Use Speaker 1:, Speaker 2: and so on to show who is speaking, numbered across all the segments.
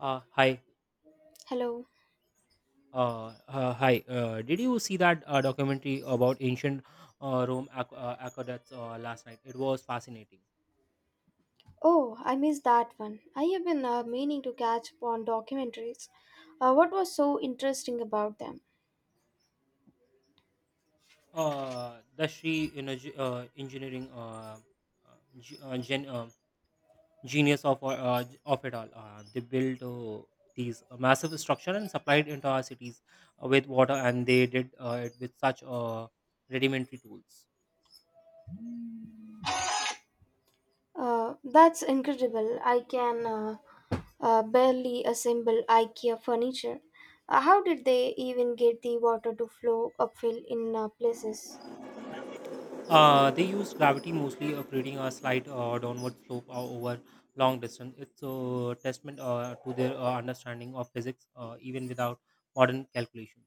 Speaker 1: Hi.
Speaker 2: Hello.
Speaker 1: Hi. Did you see that documentary about ancient Rome aqueducts last night? It was fascinating.
Speaker 2: Oh, I missed that one. I have been meaning to catch up on documentaries. What was so interesting about them?
Speaker 1: The engineering uh, ge- uh, gen- uh, genius of it all. They built these massive structure and supplied into our cities with water, and they did it with such rudimentary tools.
Speaker 2: That's incredible. I can barely assemble IKEA furniture. How did they even get the water to flow uphill in places?
Speaker 1: They use gravity mostly, creating a slight downward slope over long distance. It's a testament to their understanding of physics, even without modern calculations.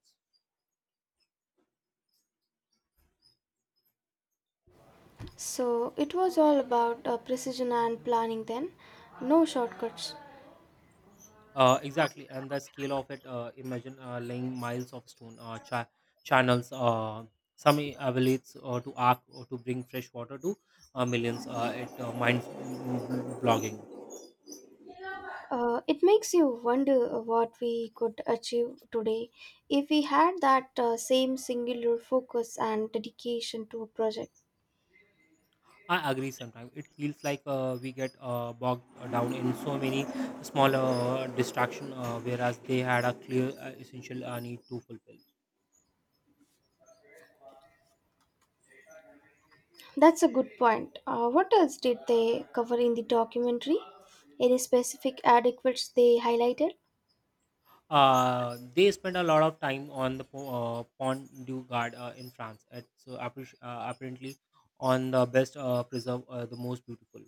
Speaker 2: So it was all about precision and planning then. No shortcuts.
Speaker 1: Exactly, and the scale of it. Imagine laying miles of stone channels. Some avalanches to arc or to bring fresh water to millions. It mind mm, blogging.
Speaker 2: It makes you wonder what we could achieve today if we had that same singular focus and dedication to a project.
Speaker 1: I agree sometimes. It feels like we get bogged down in so many small distractions, whereas they had a clear essential need to fulfill.
Speaker 2: That's a good point. What else did they cover in the documentary? Any specific adequates they highlighted?
Speaker 1: They spend a lot of time on the Pont du Gard in France. It's apparently on the best preserve, the most beautiful.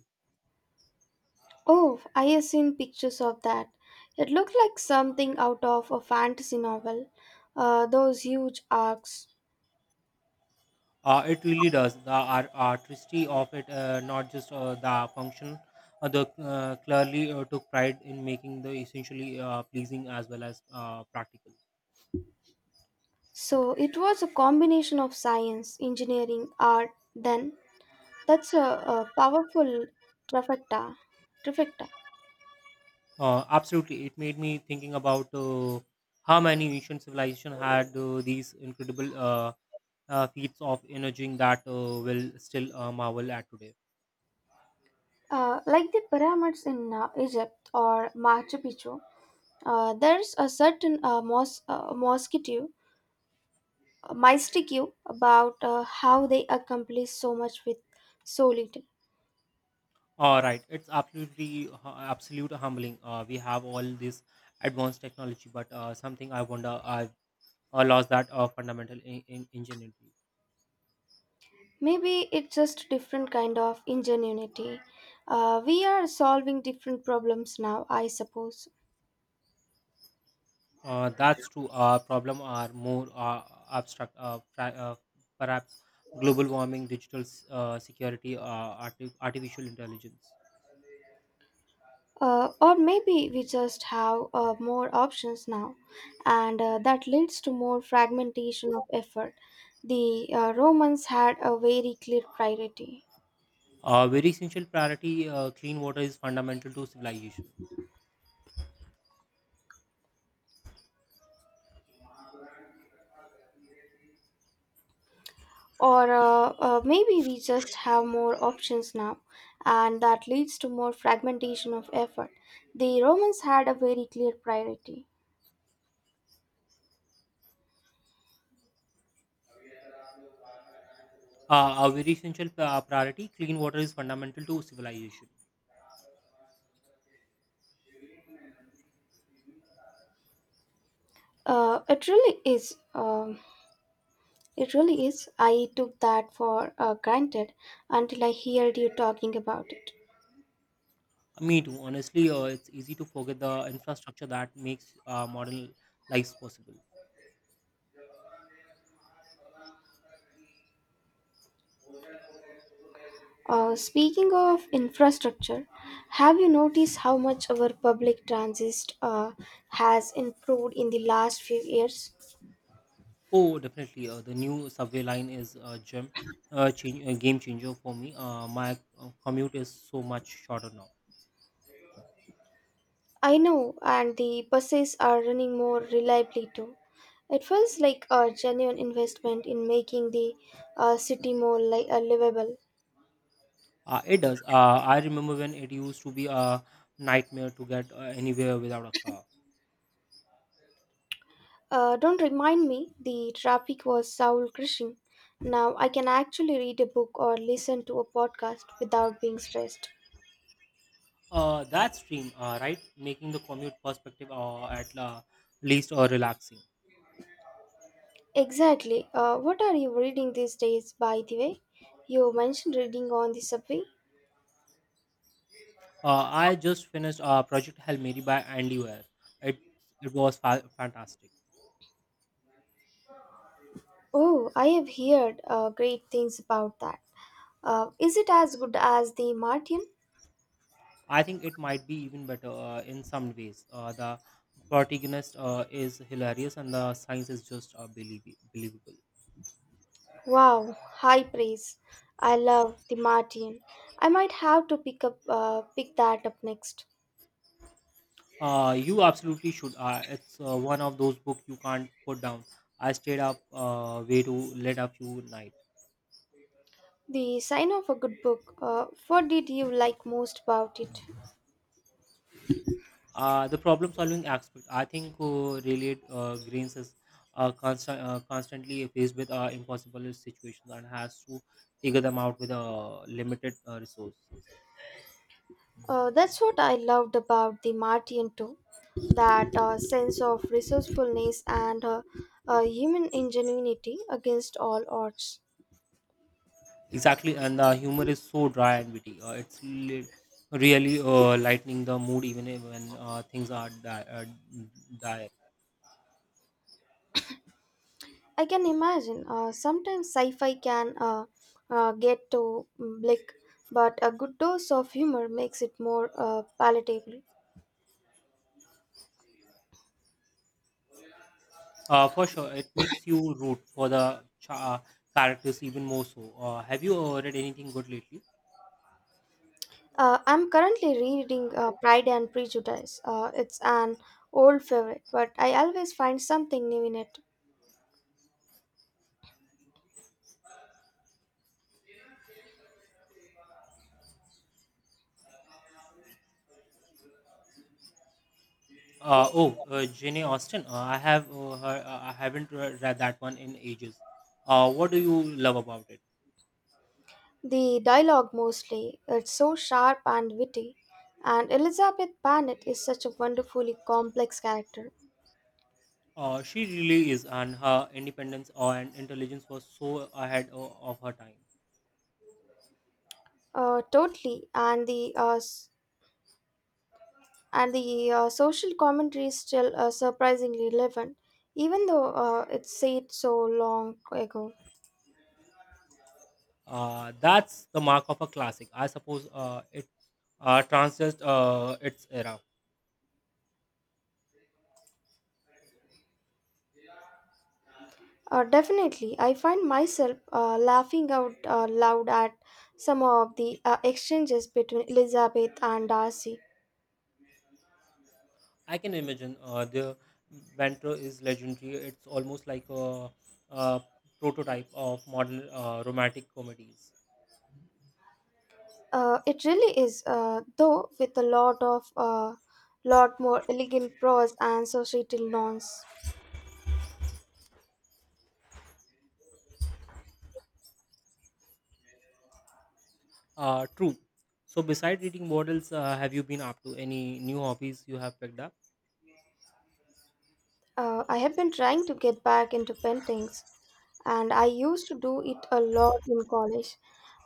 Speaker 2: Oh, I have seen pictures of that. It looked like something out of a fantasy novel. Those huge arcs.
Speaker 1: It really does. The artistry of it, not just the function, the clearly took pride in making the essentially pleasing as well as practical.
Speaker 2: So it was a combination of science, engineering, art, then. That's a powerful trifecta. Trifecta.
Speaker 1: Absolutely, it made me thinking about how many ancient civilization had these incredible feats of energy that will still marvel at today.
Speaker 2: Like the pyramids in Egypt or Machu Picchu, there's a certain mosquito, mystique about how they accomplish so much with so little.
Speaker 1: All right, it's absolute humbling. We have all this advanced technology, but something I wonder I lost that fundamental in ingenuity.
Speaker 2: Maybe it's just a different kind of ingenuity. We are solving different problems now, I suppose.
Speaker 1: That's true. Problem are more abstract. Perhaps global warming, security, artificial intelligence.
Speaker 2: Or maybe we just have more options now, and that leads to more fragmentation of effort. The Romans had a very clear priority.
Speaker 1: Very essential priority. Clean water is fundamental to civilization.
Speaker 2: Or maybe we just have more options now, and that leads to more fragmentation of effort. The Romans had a very clear priority.
Speaker 1: A very essential priority. Clean water is fundamental to civilization.
Speaker 2: It really is. It really is. I took that for granted until I heard you talking about it.
Speaker 1: Me too. Honestly, it's easy to forget the infrastructure that makes modern lives possible.
Speaker 2: Speaking of infrastructure, have you noticed how much our public transit has improved in the last few years?
Speaker 1: Oh, definitely. The new subway line is a gem, a game changer for me. My commute is so much shorter now.
Speaker 2: I know, and the buses are running more reliably too. It feels like a genuine investment in making the city more livable.
Speaker 1: It does. I remember when it used to be a nightmare to get anywhere without a car.
Speaker 2: Don't remind me, the traffic was soul crushing. Now I can actually read a book or listen to a podcast without being stressed.
Speaker 1: That's dream, right? Making the commute perspective at least relaxing.
Speaker 2: Exactly. What are you reading these days, by the way? You mentioned reading on the subway.
Speaker 1: I just finished Project Hail Mary by Andy Weir. It it was fantastic.
Speaker 2: Oh, I have heard great things about that. Is it as good as the Martian?
Speaker 1: I think it might be even better in some ways. The protagonist is hilarious, and the science is just believable.
Speaker 2: Wow, high praise. I love the Martian. I might have to pick that up next.
Speaker 1: You absolutely should. It's one of those books you can't put down. I stayed up way too late a few nights.
Speaker 2: The sign of a good book. What did you like most about it?
Speaker 1: The problem-solving aspect, I think, really Grains is constantly faced with impossible situations and has to figure them out with limited resources.
Speaker 2: That's what I loved about the Martian too. That sense of resourcefulness and human ingenuity against all odds.
Speaker 1: Exactly, and the humor is so dry and witty. Really lightening the mood when things are dire.
Speaker 2: I can imagine sometimes sci fi can get to bleak, but a good dose of humor makes it more palatable.
Speaker 1: For sure, it makes you root for the characters even more so. Have you read anything good lately?
Speaker 2: I'm currently reading Pride and Prejudice. It's an old favorite, but I always find something new in it.
Speaker 1: Oh, Jane Austen. I have. I haven't read that one in ages. What do you love about it?
Speaker 2: The dialogue mostly, it's so sharp and witty, and Elizabeth Bennet is such a wonderfully complex character.
Speaker 1: She really is, and her independence and intelligence was so ahead of her time.
Speaker 2: Totally, and the social commentary is still surprisingly relevant, even though it's said so long ago.
Speaker 1: That's the mark of a classic. I suppose it transcends its era.
Speaker 2: Definitely, I find myself laughing out loud at some of the exchanges between Elizabeth and Darcy.
Speaker 1: I can imagine the banter is legendary. It's almost like a prototype of modern romantic comedies.
Speaker 2: It really is, though, with a lot of lot more elegant prose and societal norms.
Speaker 1: True. So, besides reading models, have you been up to any new hobbies you have picked up?
Speaker 2: I have been trying to get back into paintings, and I used to do it a lot in college,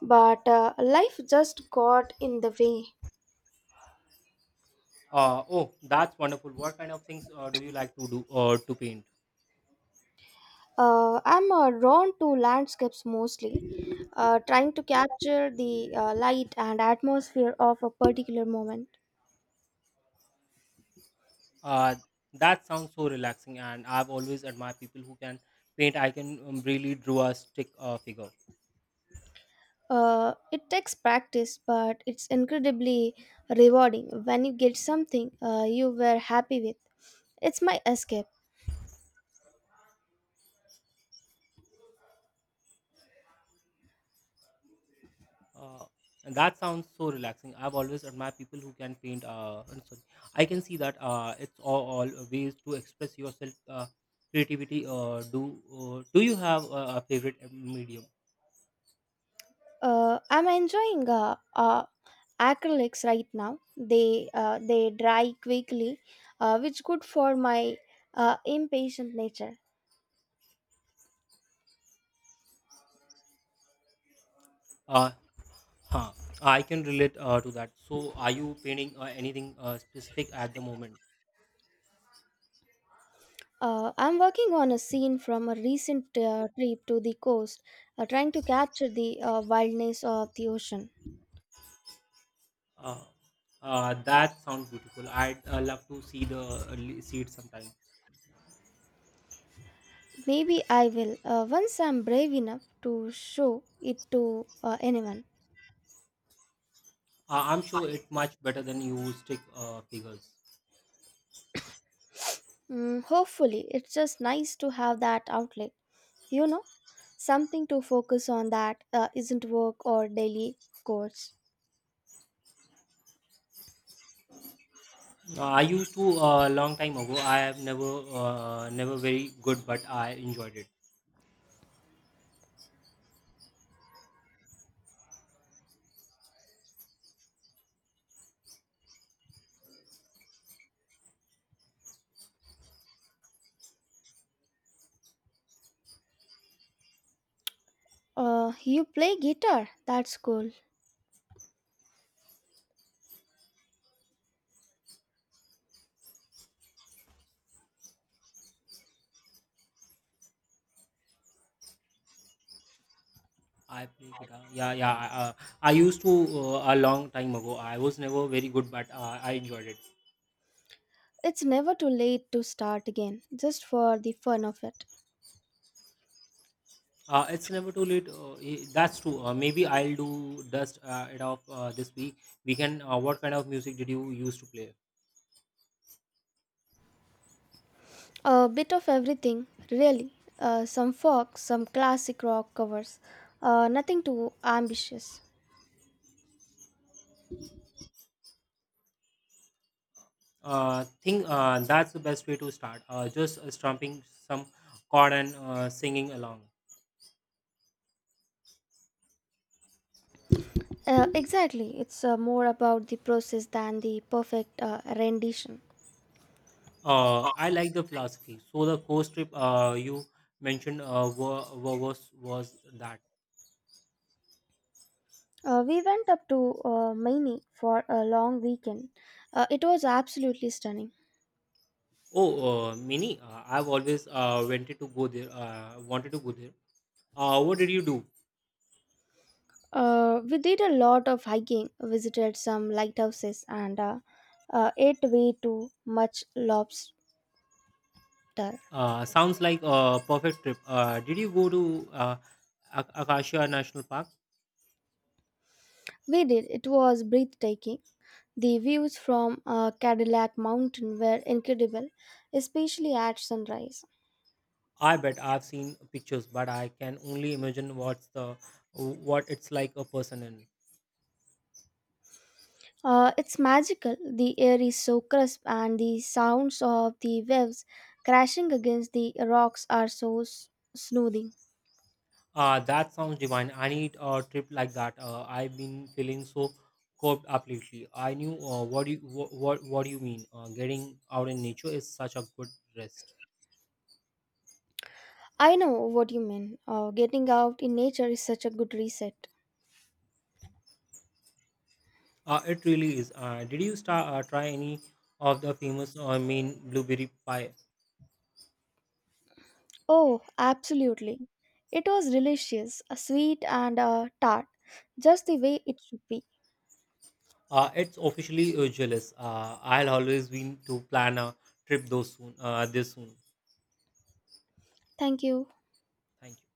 Speaker 2: but life just got in the way.
Speaker 1: Oh, that's wonderful. What kind of things do you like to do or to paint?
Speaker 2: I'm drawn to landscapes mostly, trying to capture the light and atmosphere of a particular moment.
Speaker 1: Uh, that sounds so relaxing, and I've always admired people who can paint. I can really draw a stick figure.
Speaker 2: It takes practice, but it's incredibly rewarding when you get something you were happy with. It's my escape.
Speaker 1: Uh, and that sounds so relaxing. I've always admired people who can paint. I'm sorry, I can see that it's all ways to express yourself, creativity. Do you have a favorite medium?
Speaker 2: I'm enjoying acrylics right now. They dry quickly, which good for my impatient nature.
Speaker 1: Uh, huh. I can relate to that. So, are you painting anything specific at the moment?
Speaker 2: I'm working on a scene from a recent trip to the coast, trying to capture the wildness of the ocean.
Speaker 1: Uh, that sounds beautiful. I'd love to see the see it sometime.
Speaker 2: Maybe I will once I'm brave enough to show it to anyone.
Speaker 1: I'm sure it's much better than you stick figures.
Speaker 2: Mm, hopefully, it's just nice to have that outlet, you know, something to focus on that isn't work or daily chores.
Speaker 1: I used to a long time ago. I have never very good, but I enjoyed it.
Speaker 2: You play guitar, that's cool.
Speaker 1: I play guitar. Yeah, yeah. I used to a long time ago. I was never very good, but I enjoyed it.
Speaker 2: It's never too late to start again, just for the fun of it.
Speaker 1: It's never too late. That's true. Maybe I'll do dust it off this week. We can. What kind of music did you used to play?
Speaker 2: A bit of everything, really. Some folk, some classic rock covers. Nothing too ambitious.
Speaker 1: Think that's the best way to start. Just strumming some chord and singing along.
Speaker 2: Exactly. It's more about the process than the perfect rendition.
Speaker 1: I like the philosophy. So the course trip you mentioned was that.
Speaker 2: We went up to Maine for a long weekend. It was absolutely stunning.
Speaker 1: Oh, Mini, I've always wanted to go there. What did you do?
Speaker 2: We did a lot of hiking, visited some lighthouses, and ate way too much lobster.
Speaker 1: Sounds like a perfect trip. Did you go to Akasha National Park?
Speaker 2: We did. It was breathtaking. The views from Cadillac Mountain were incredible, especially at sunrise.
Speaker 1: I bet I've seen pictures, but I can only imagine what it's like a person in.
Speaker 2: It's magical. The air is so crisp, and the sounds of the waves crashing against the rocks are so soothing.
Speaker 1: That sounds divine. I need a trip like that. I've been feeling so coped up lately. I knew what do you What do you mean? Getting out in nature is such a good rest.
Speaker 2: I know what you mean. Getting out in nature is such a good reset.
Speaker 1: It really is. Did you try any of the famous Maine blueberry pie?
Speaker 2: Oh, absolutely. It was delicious, sweet, and tart, just the way it should be.
Speaker 1: It's officially jealous. I'll always been to plan a trip though soon. This soon.
Speaker 2: Thank you.
Speaker 1: Thank you.